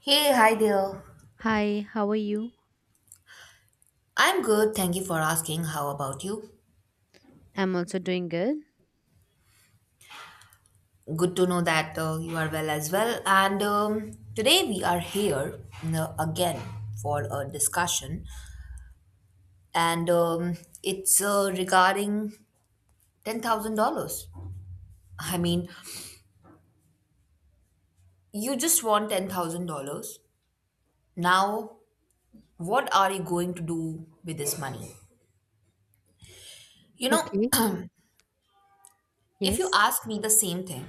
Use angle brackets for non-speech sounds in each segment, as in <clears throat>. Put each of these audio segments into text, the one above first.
Hey, hi there. Hi, how are you? I'm good. Thank you for asking. How about you? I'm also doing good. Good to know that you are well as well. And today we are here again for a discussion, and it's regarding $10,000. I mean, you just want $10,000. Now, what are you going to do with this money? You know, Okay, <clears throat> if you yes. ask me the same thing,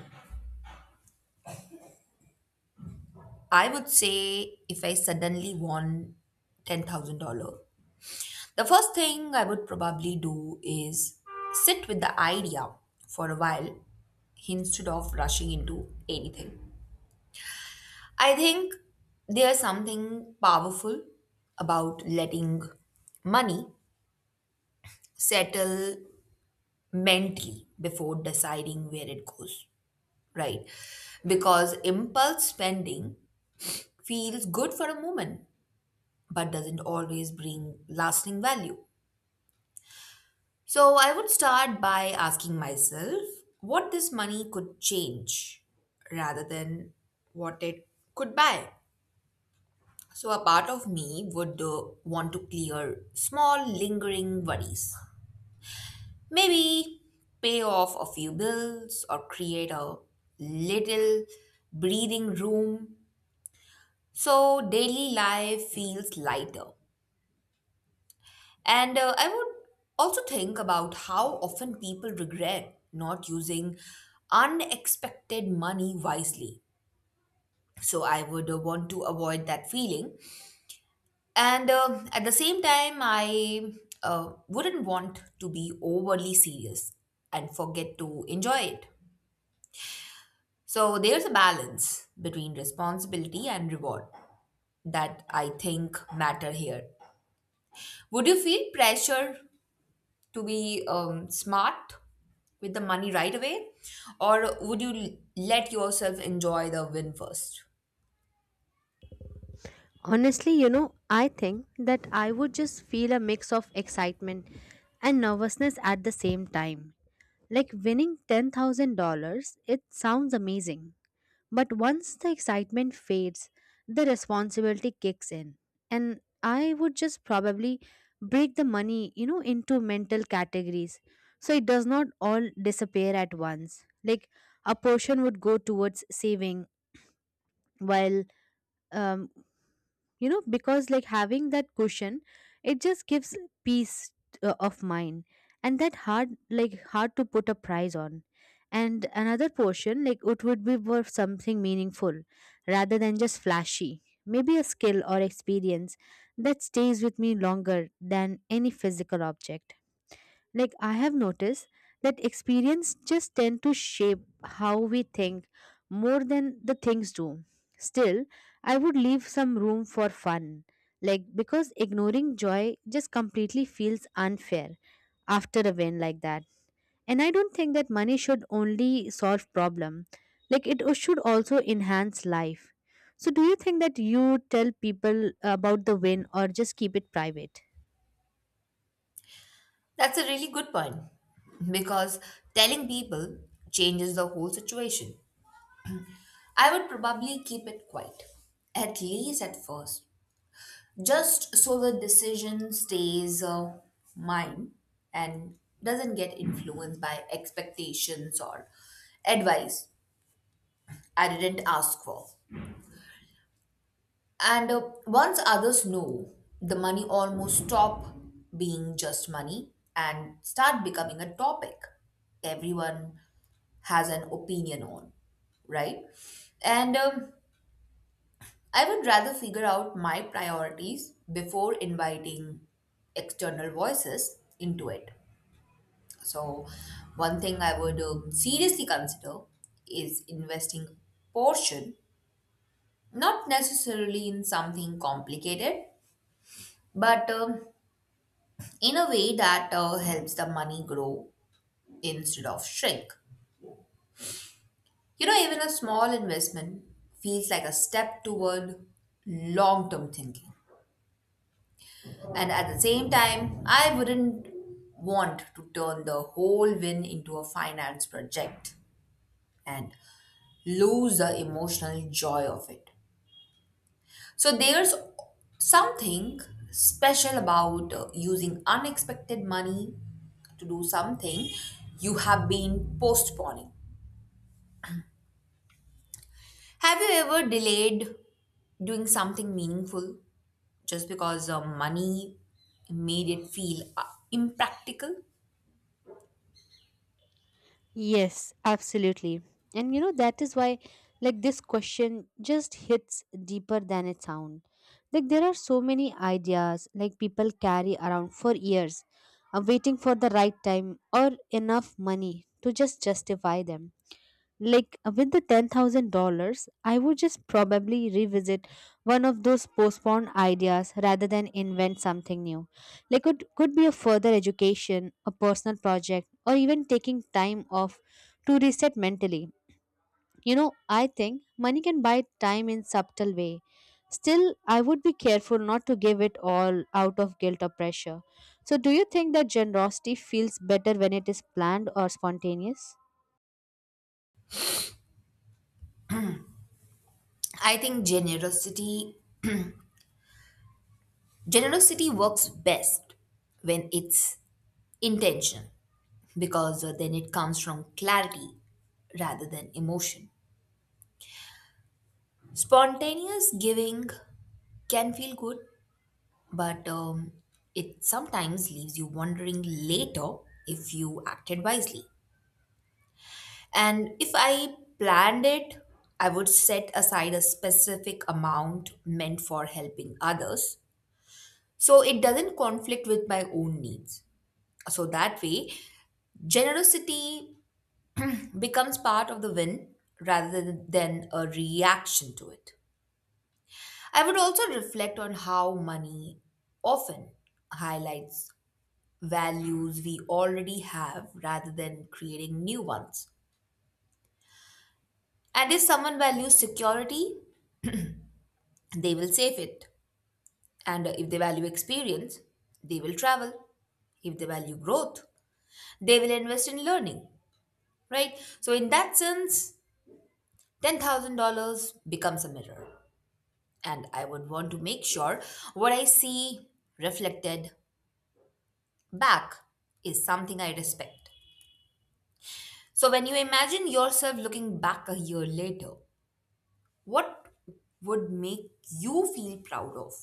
I would say if I suddenly won $10,000. The first thing I would probably do is sit with the idea for a while instead of rushing into anything. I think there's something powerful about letting money settle mentally before deciding where it goes, right? Because impulse spending feels good for a moment but doesn't always bring lasting value. So I would start by asking myself what this money could change rather than what it could buy. So a part of me would want to clear small lingering worries. Maybe pay off a few bills or create a little breathing room so daily life feels lighter. And I would also think about how often people regret not using unexpected money wisely. So I would want to avoid that feeling. And at the same time, I wouldn't want to be overly serious and forget to enjoy it. So there's a balance between responsibility and reward that I think matter here. Would you feel pressure to be smart with the money right away, or would you let yourself enjoy the win first? Honestly, I think that I would just feel a mix of excitement and nervousness at the same time. Like winning $10,000, it sounds amazing. But once the excitement fades, the responsibility kicks in. And I would just probably break the money, into mental categories. So it does not all disappear at once. Like a portion would go towards saving, while um, because like having that cushion, it just gives peace of mind, and that hard, like hard to put a price on. And another portion, like it would be for something meaningful rather than just flashy. Maybe a skill or experience that stays with me longer than any physical object. Like I have noticed that experience just tend to shape how we think more than the things do. Still, I would leave some room for fun. Like because ignoring joy just completely feels unfair after a win like that. And I don't think that money should only solve problem. Like it should also enhance life. So do you think that you tell people about the win or just keep it private? That's a really good point because telling people changes the whole situation. I would probably keep it quiet, at least at first, just so the decision stays mine and doesn't get influenced by expectations or advice I didn't ask for. And once others know, the money almost stop being just money and start becoming a topic everyone has an opinion on, right? And I would rather figure out my priorities before inviting external voices into it. So, one thing I would seriously consider is investing portion, not necessarily in something complicated, but in a way that helps the money grow instead of shrink. You know, even a small investment feels like a step toward long term thinking. And at the same time, I wouldn't want to turn the whole win into a finance project and lose the emotional joy of it. So there's something special about using unexpected money to do something you have been postponing. Have you ever delayed doing something meaningful just because money made it feel impractical? Yes, absolutely. And that is why, like, this question just hits deeper than it sounds. Like, there are so many ideas, like, people carry around for years, waiting for the right time or enough money to just justify them. Like with the $10,000, I would just probably revisit one of those postponed ideas rather than invent something new. Like it could be a further education, a personal project, or even taking time off to reset mentally. I think money can buy time in subtle way. Still, I would be careful not to give it all out of guilt or pressure. So, do you think that generosity feels better when it is planned or spontaneous? I think generosity works best when it's intention because then it comes from clarity rather than emotion. Spontaneous giving can feel good, but it sometimes leaves you wondering later if you acted wisely. And if I planned it, I would set aside a specific amount meant for helping others so it doesn't conflict with my own needs. So that way, generosity becomes part of the win rather than a reaction to it. I would also reflect on how money often highlights values we already have rather than creating new ones. And if someone values security, they will save it. And if they value experience, they will travel. If they value growth, they will invest in learning, right? So, in that sense, $10,000 becomes a mirror. And I would want to make sure what I see reflected back is something I respect. So, when you imagine yourself looking back a year later, what would make you feel proud of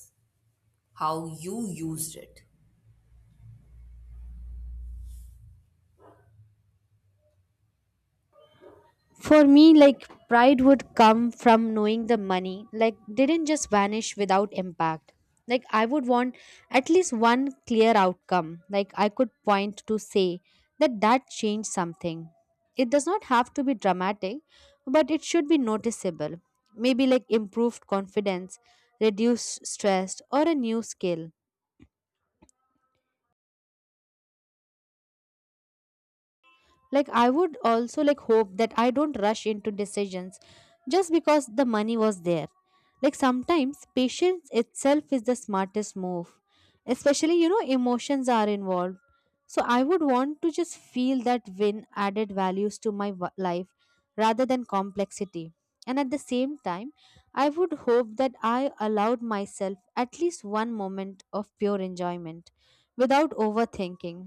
how you used it? For me, like pride would come from knowing the money, like didn't just vanish without impact. Like I would want at least one clear outcome. Like I could point to say that that changed something. It does not have to be dramatic, but it should be noticeable. Maybe like improved confidence, reduced stress, or a new skill. Like I would also like hope that I don't rush into decisions just because the money was there. Like sometimes patience itself is the smartest move, especially emotions are involved. So I would want to just feel that win added values to my life rather than complexity. And at the same time, I would hope that I allowed myself at least one moment of pure enjoyment without overthinking.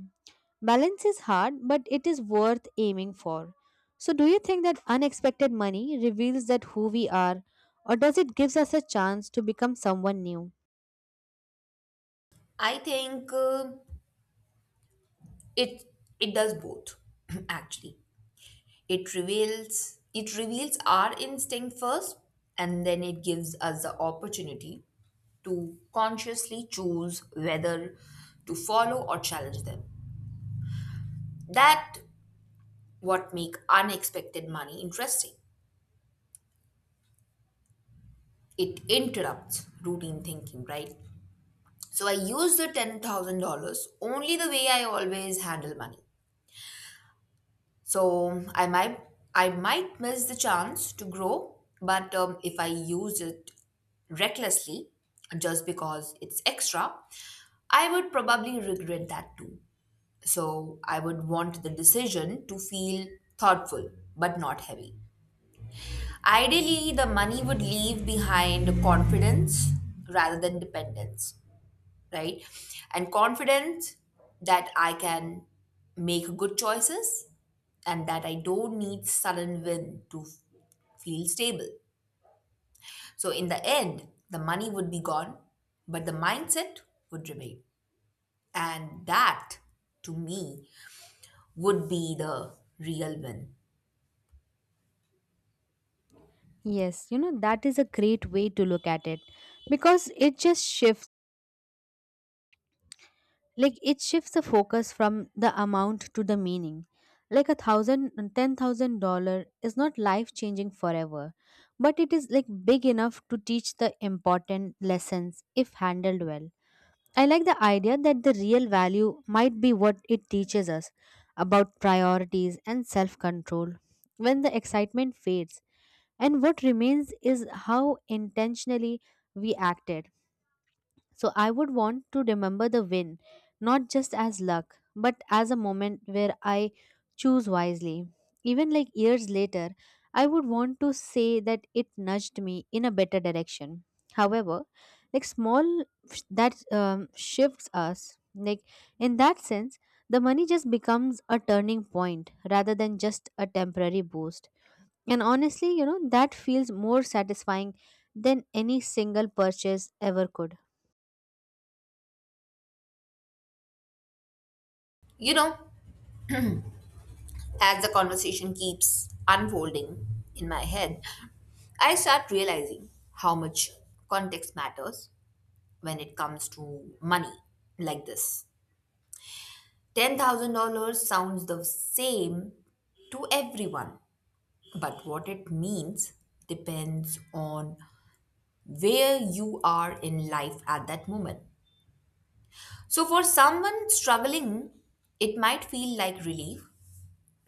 Balance is hard, but it is worth aiming for. So, do you think that unexpected money reveals that who we are, or does it gives us a chance to become someone new? I think it does both, <clears throat> actually. It reveals our instinct first, and then it gives us the opportunity to consciously choose whether to follow or challenge them. That what make unexpected money interesting. It interrupts routine thinking, right? So I use the $10,000 only the way I always handle money. So I might miss the chance to grow, but if I use it recklessly, just because it's extra, I would probably regret that too. So I would want the decision to feel thoughtful but not heavy. Ideally, the money would leave behind confidence rather than dependence, right? And confidence that I can make good choices and that I don't need sudden win to feel stable. So in the end, the money would be gone, but the mindset would remain. And that to me would be the real win. Yes, that is a great way to look at it because it shifts the focus from the amount to the meaning. Like a thousand ten thousand dollar is not life changing forever, but it is like big enough to teach the important lessons if handled well. I like the idea that the real value might be what it teaches us about priorities and self control. When the excitement fades, and what remains is how intentionally we acted. So I would want to remember the win, not just as luck, but as a moment where I choose wisely. Even like years later, I would want to say that it nudged me in a better direction. However, like small that shifts us, like in that sense, the money just becomes a turning point rather than just a temporary boost. And honestly, that feels more satisfying than any single purchase ever could. You know, as the conversation keeps unfolding in my head, I start realizing how much context matters when it comes to money like this. $10,000 sounds the same to everyone, but what it means depends on where you are in life at that moment. So, for someone struggling, it might feel like relief,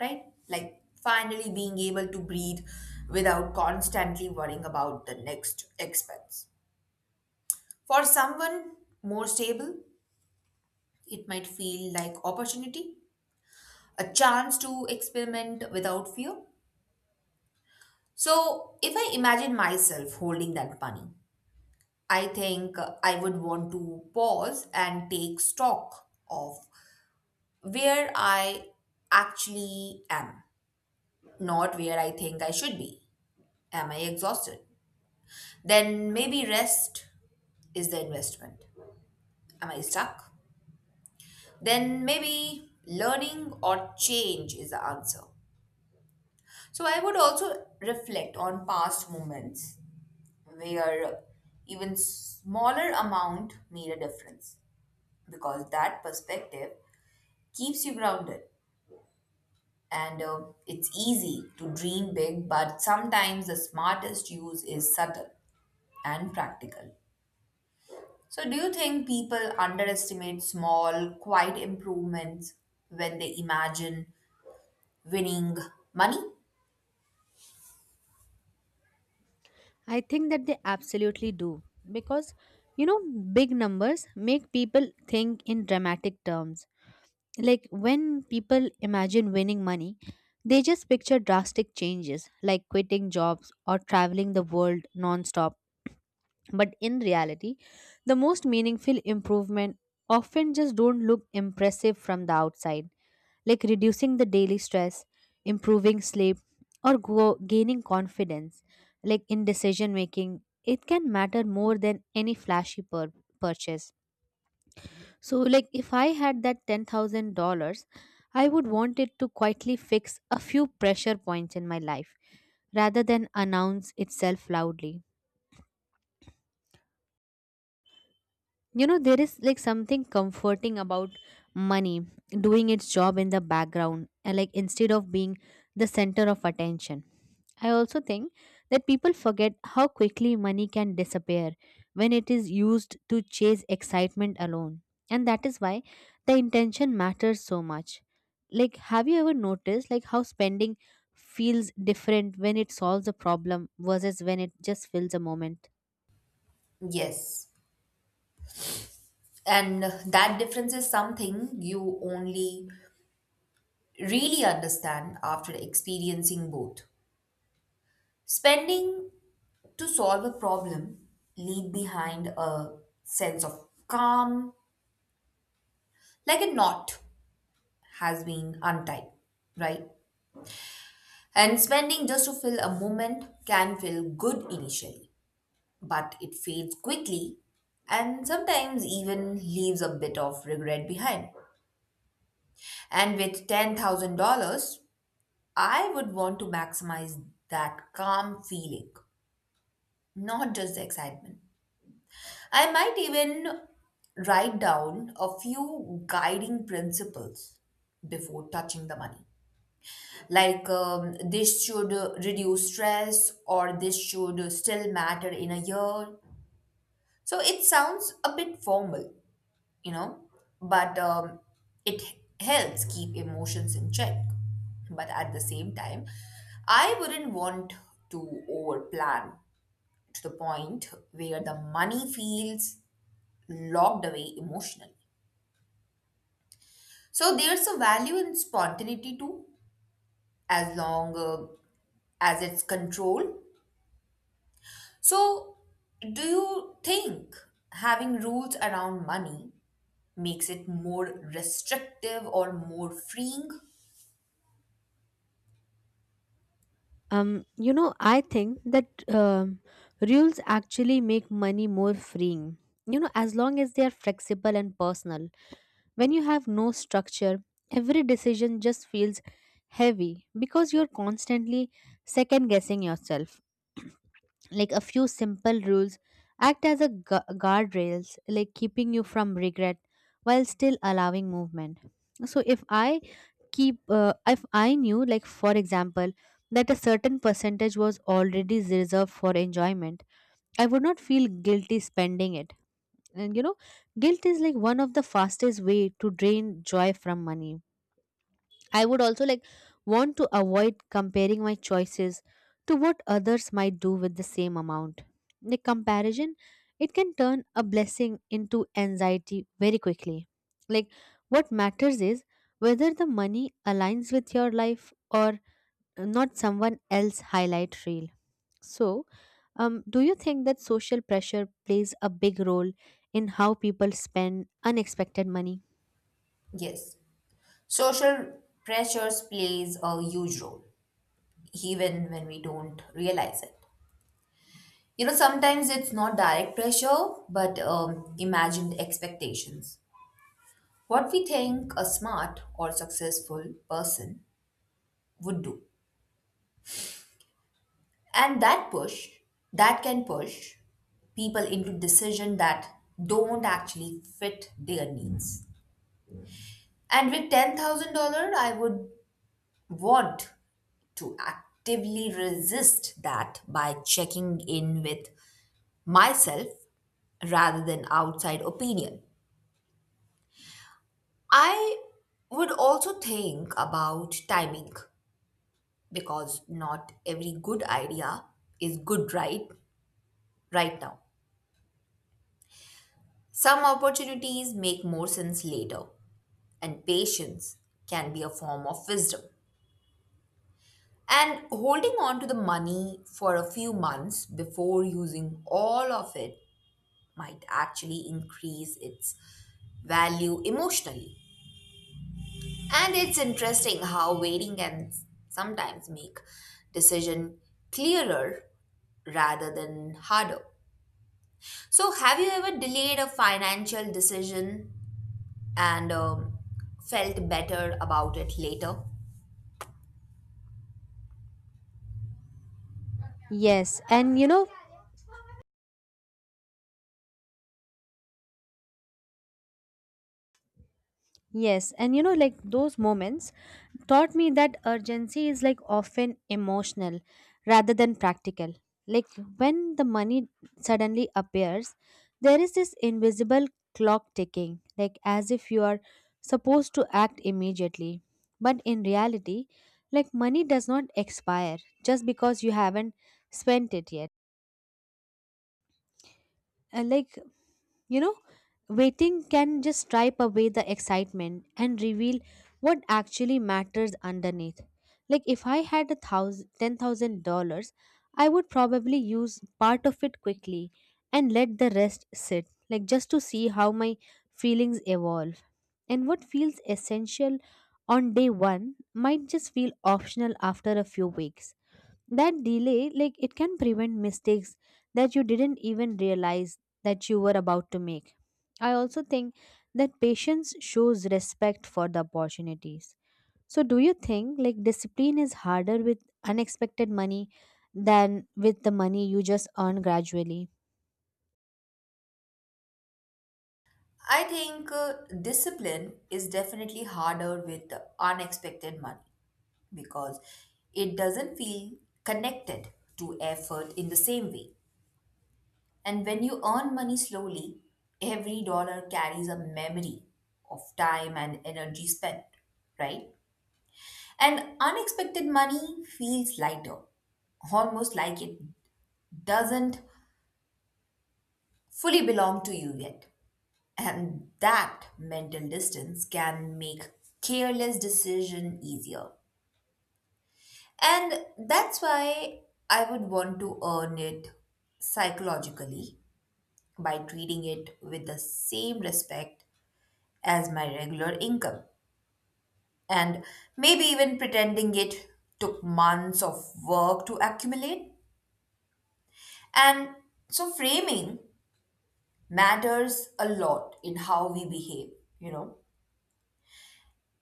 right? Like finally being able to breathe without constantly worrying about the next expense. For someone more stable, it might feel like opportunity, a chance to experiment without fear. So, if I imagine myself holding that money, I think I would want to pause and take stock of where I actually am, not where I think I should be. Am I exhausted? Then maybe rest is the investment. Am I stuck? Then maybe learning or change is the answer. So I would also reflect on past moments where even smaller amount made a difference because that perspective keeps you grounded, and it's easy to dream big but sometimes the smartest use is subtle and practical. So do you think people underestimate small quiet improvements when they imagine winning money? I think that they absolutely do because you know big numbers make people think in dramatic terms. Like when people imagine winning money, they just picture drastic changes like quitting jobs or traveling the world nonstop. But in reality, the most meaningful improvement often just don't look impressive from the outside, like reducing the daily stress, improving sleep, or gaining confidence, like in decision making. It can matter more than any flashy purchase. So, like if I had that $10,000, I would want it to quietly fix a few pressure points in my life rather than announce itself loudly. There is like something comforting about money doing its job in the background, and like instead of being the center of attention. I also think that people forget how quickly money can disappear when it is used to chase excitement alone, and that is why the intention matters so much. Like have you ever noticed, like how spending feels different when it solves a problem versus when it just fills a moment? Yes, and that difference is something you only really understand after experiencing both. Spending to solve a problem leave behind a sense of calm, like a knot has been untied, right? And spending just to fill a moment can feel good initially, but it fades quickly and sometimes even leaves a bit of regret behind. And with $10,000, I would want to maximize that calm feeling, not just the excitement. I might even write down a few guiding principles before touching the money. Like this should reduce stress, or this should still matter in a year. So it sounds a bit formal, you know, but it helps keep emotions in check. But at the same time, I wouldn't want to overplan to the point where the money feels locked away emotionally. So there's a value in spontaneity too, as long as it's controlled. So, do you think having rules around money makes it more restrictive or more freeing? I think that rules actually make money more freeing. As long as they are flexible and personal. When you have no structure, every decision just feels heavy because you're constantly second guessing yourself. Like a few simple rules act as a guardrails, like keeping you from regret while still allowing movement. So if I knew, like for example, that a certain percentage was already reserved for enjoyment, I would not feel guilty spending it. And guilt is like one of the fastest way to drain joy from money. I would also like want to avoid comparing my choices to what others might do with the same amount. The comparison, it can turn a blessing into anxiety very quickly. Like what matters is whether the money aligns with your life or not someone else highlight reel. So, do you think that social pressure plays a big role in how people spend unexpected money? Yes. Social pressures plays a huge role, even when we don't realize it. You know, sometimes it's not direct pressure, but imagined expectations. What we think a smart or successful person would do. And that push, that can push people into decisions that don't actually fit their needs. And with $10,000, I would want to actively resist that by checking in with myself rather than outside opinion. I would also think about timing because not every good idea is good right now. Some opportunities make more sense later and patience can be a form of wisdom. And holding on to the money for a few months before using all of it might actually increase its value emotionally. And it's interesting how waiting can sometimes make decision clearer rather than harder. So, have you ever delayed a financial decision and felt better about it later? Yes, and you know Yes, and like those moments taught me that urgency is like often emotional rather than practical. Like when the money suddenly appears, there is this invisible clock ticking, like as if you are supposed to act immediately. But in reality, like money does not expire just because you haven't spent it yet. And like you know, waiting can just stripe away the excitement and reveal what actually matters underneath. Like if I had $10,000, I would probably use part of it quickly and let the rest sit, like just to see how my feelings evolve. And what feels essential on day one might just feel optional after a few weeks. That delay, like it can prevent mistakes that you didn't even realize that you were about to make. I also think that patience shows respect for the opportunities. So do you think like discipline is harder with unexpected money than with the money you just earn gradually? I think discipline is definitely harder with unexpected money because it doesn't feel connected to effort in the same way. And when you earn money slowly, every dollar carries a memory of time and energy spent, right? And unexpected money feels lighter, almost like it doesn't fully belong to you yet. And that mental distance can make careless decision easier. And that's why I would want to earn it psychologically by treating it with the same respect as my regular income. And maybe even pretending it took months of work to accumulate. And so framing matters a lot in how we behave, you know.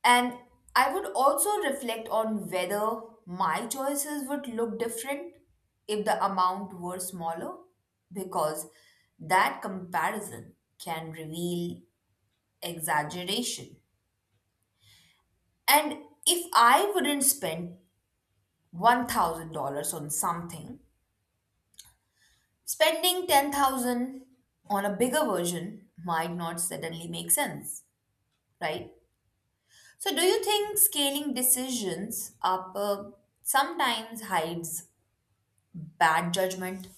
And I would also reflect on whether my choices would look different if the amount were smaller, because that comparison can reveal exaggeration. And if I wouldn't spend $1,000 on something, spending 10,000 on a bigger version might not suddenly make sense, right? So, do you think scaling decisions up sometimes hides bad judgment?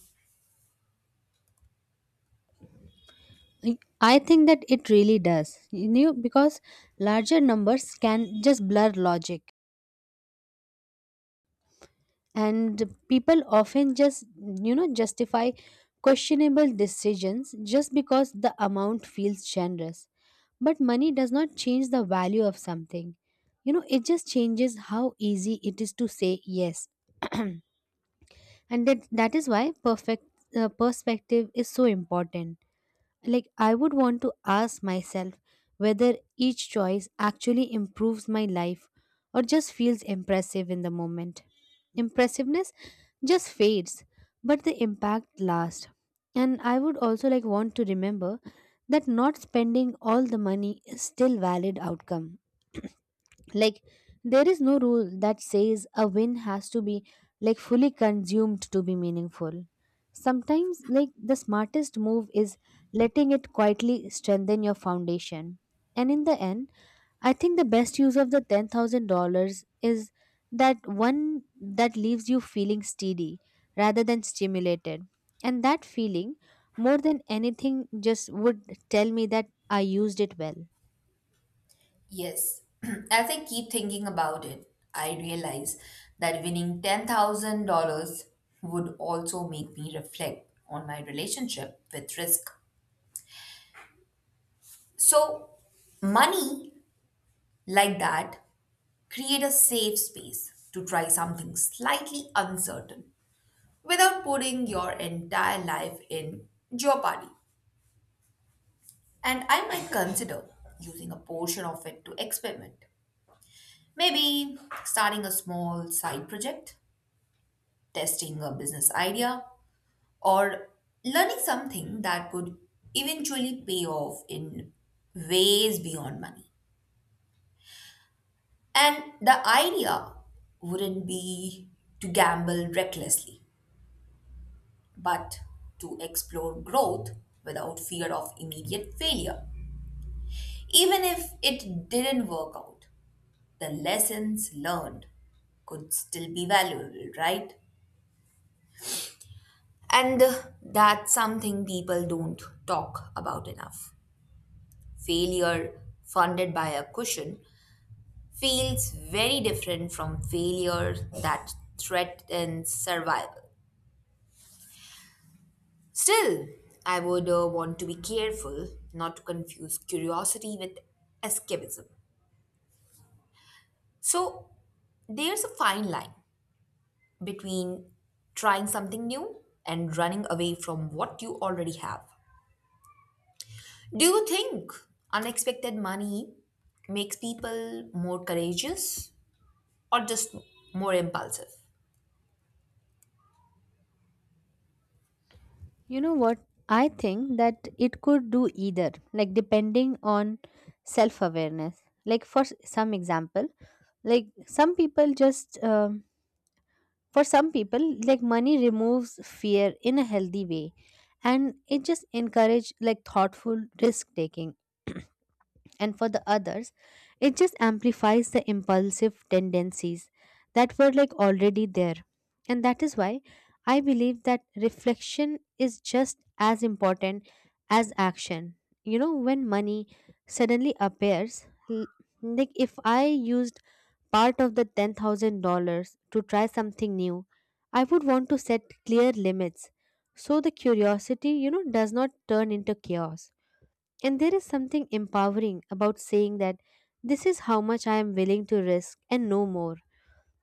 I I think that it really does. Because larger numbers can just blur logic, and people often just justify questionable decisions just because the amount feels generous. But money does not change the value of something. It just changes how easy it is to say yes. <clears throat> And that is why perfect perspective is so important. Like, I would want to ask myself whether each choice actually improves my life or just feels impressive in the moment. Impressiveness just fades, but the impact lasts. And I would also like want to remember that not spending all the money is still valid outcome. Like there is no rule that says a win has to be like fully consumed to be meaningful. Sometimes, like, the smartest move is letting it quietly strengthen your foundation. And in the end, I think the best use of the $10,000 is that one that leaves you feeling steady rather than stimulated. And that feeling, more than anything, just would tell me that I used it well. Yes. <clears throat> As I keep thinking about it, I realize that winning $10,000 would also make me reflect on my relationship with risk. So, money like that create a safe space to try something slightly uncertain without putting your entire life in jeopardy. And I might consider using a portion of it to experiment. Maybe starting a small side project, testing a business idea, or learning something that could eventually pay off in ways beyond money. And the idea wouldn't be to gamble recklessly, but to explore growth without fear of immediate failure. Even if it didn't work out, the lessons learned could still be valuable, right? And that's something people don't talk about enough. Failure funded by a cushion feels very different from failure that threatens survival. Still, I would want to be careful not to confuse curiosity with escapism. So, there's a fine line between trying something new and running away from what you already have. Do you think unexpected money makes people more courageous or just more impulsive? You know what? I think that it could do either, like depending on self awareness. Like, for some example, like for some people, like money removes fear in a healthy way, and it just encourage like thoughtful risk taking. <clears throat> And for the others, it just amplifies the impulsive tendencies that were like already there. And that is why I believe that reflection is just as important as action. When money suddenly appears, l- like if I used part of the $10,000 to try something new, I would want to set clear limits so the curiosity does not turn into chaos. And there is something empowering about saying that this is how much I am willing to risk and no more.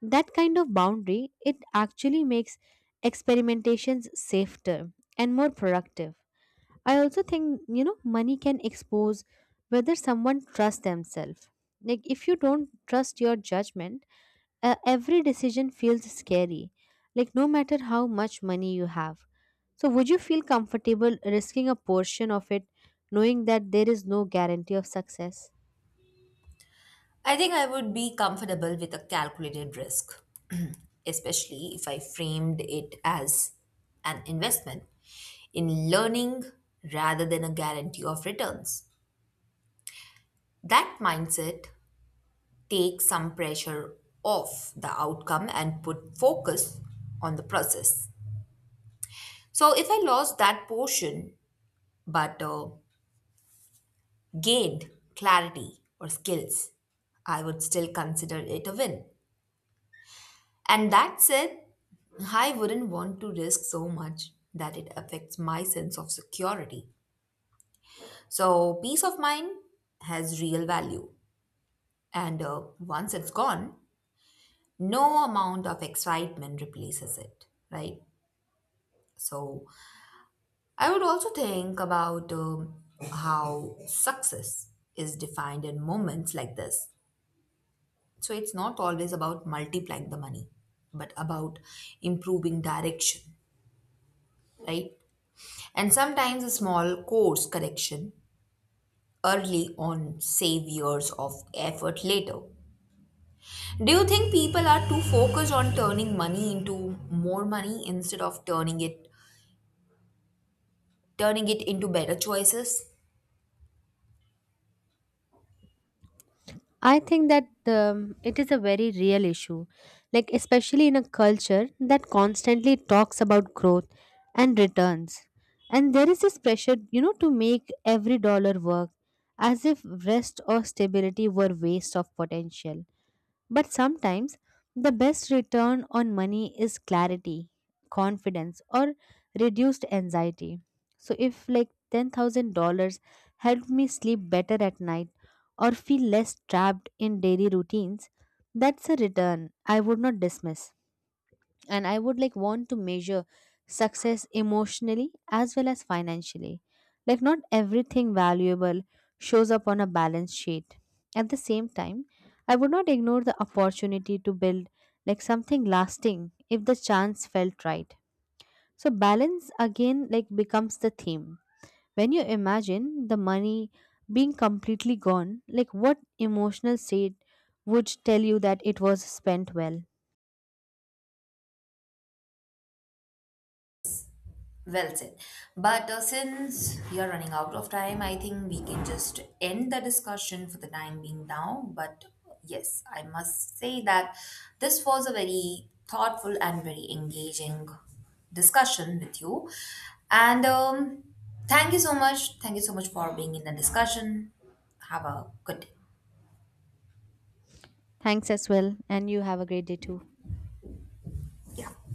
That kind of boundary, it actually makes experimentations safer and more productive. I also think, money can expose whether someone trusts themselves. Like if you don't trust your judgment, every decision feels scary, like no matter how much money you have. So, would you feel comfortable risking a portion of it knowing that there is no guarantee of success? I think I would be comfortable with a calculated risk, <clears throat> especially if I framed it as an investment in learning rather than a guarantee of returns. That mindset takes some pressure off the outcome and put focus on the process. So if I lost that portion, but gained clarity or skills, I would still consider it a win. And that said, I wouldn't want to risk so much that it affects my sense of security. So, peace of mind has real value. And once it's gone, no amount of excitement replaces it, right? So, I would also think about how success is defined in moments like this. So it's not always about multiplying the money, but about improving direction, right? And sometimes a small course correction early on save years of effort later. Do you think people are too focused on turning money into more money instead of turning it into better choices? I think that it is a very real issue, like, especially in a culture that constantly talks about growth and returns. And there is this pressure, to make every dollar work as if rest or stability were waste of potential. But sometimes the best return on money is clarity, confidence, or reduced anxiety. So if like $10,000 helped me sleep better at night or feel less trapped in daily routines, that's a return I would not dismiss. And I would like want to measure success emotionally as well as financially. Like not everything valuable shows up on a balance sheet. At the same time, I would not ignore the opportunity to build like something lasting if the chance felt right. So balance again like becomes the theme. When you imagine the money being completely gone, like what emotional state would tell you that it was spent well? Well said. But since we are running out of time, I think we can just end the discussion for the time being now. But yes, I must say that this was a very thoughtful and very engaging discussion with you. And thank you so much. Thank you so much for being in the discussion. Have a good day. Thanks as well, and you have a great day too. Yeah.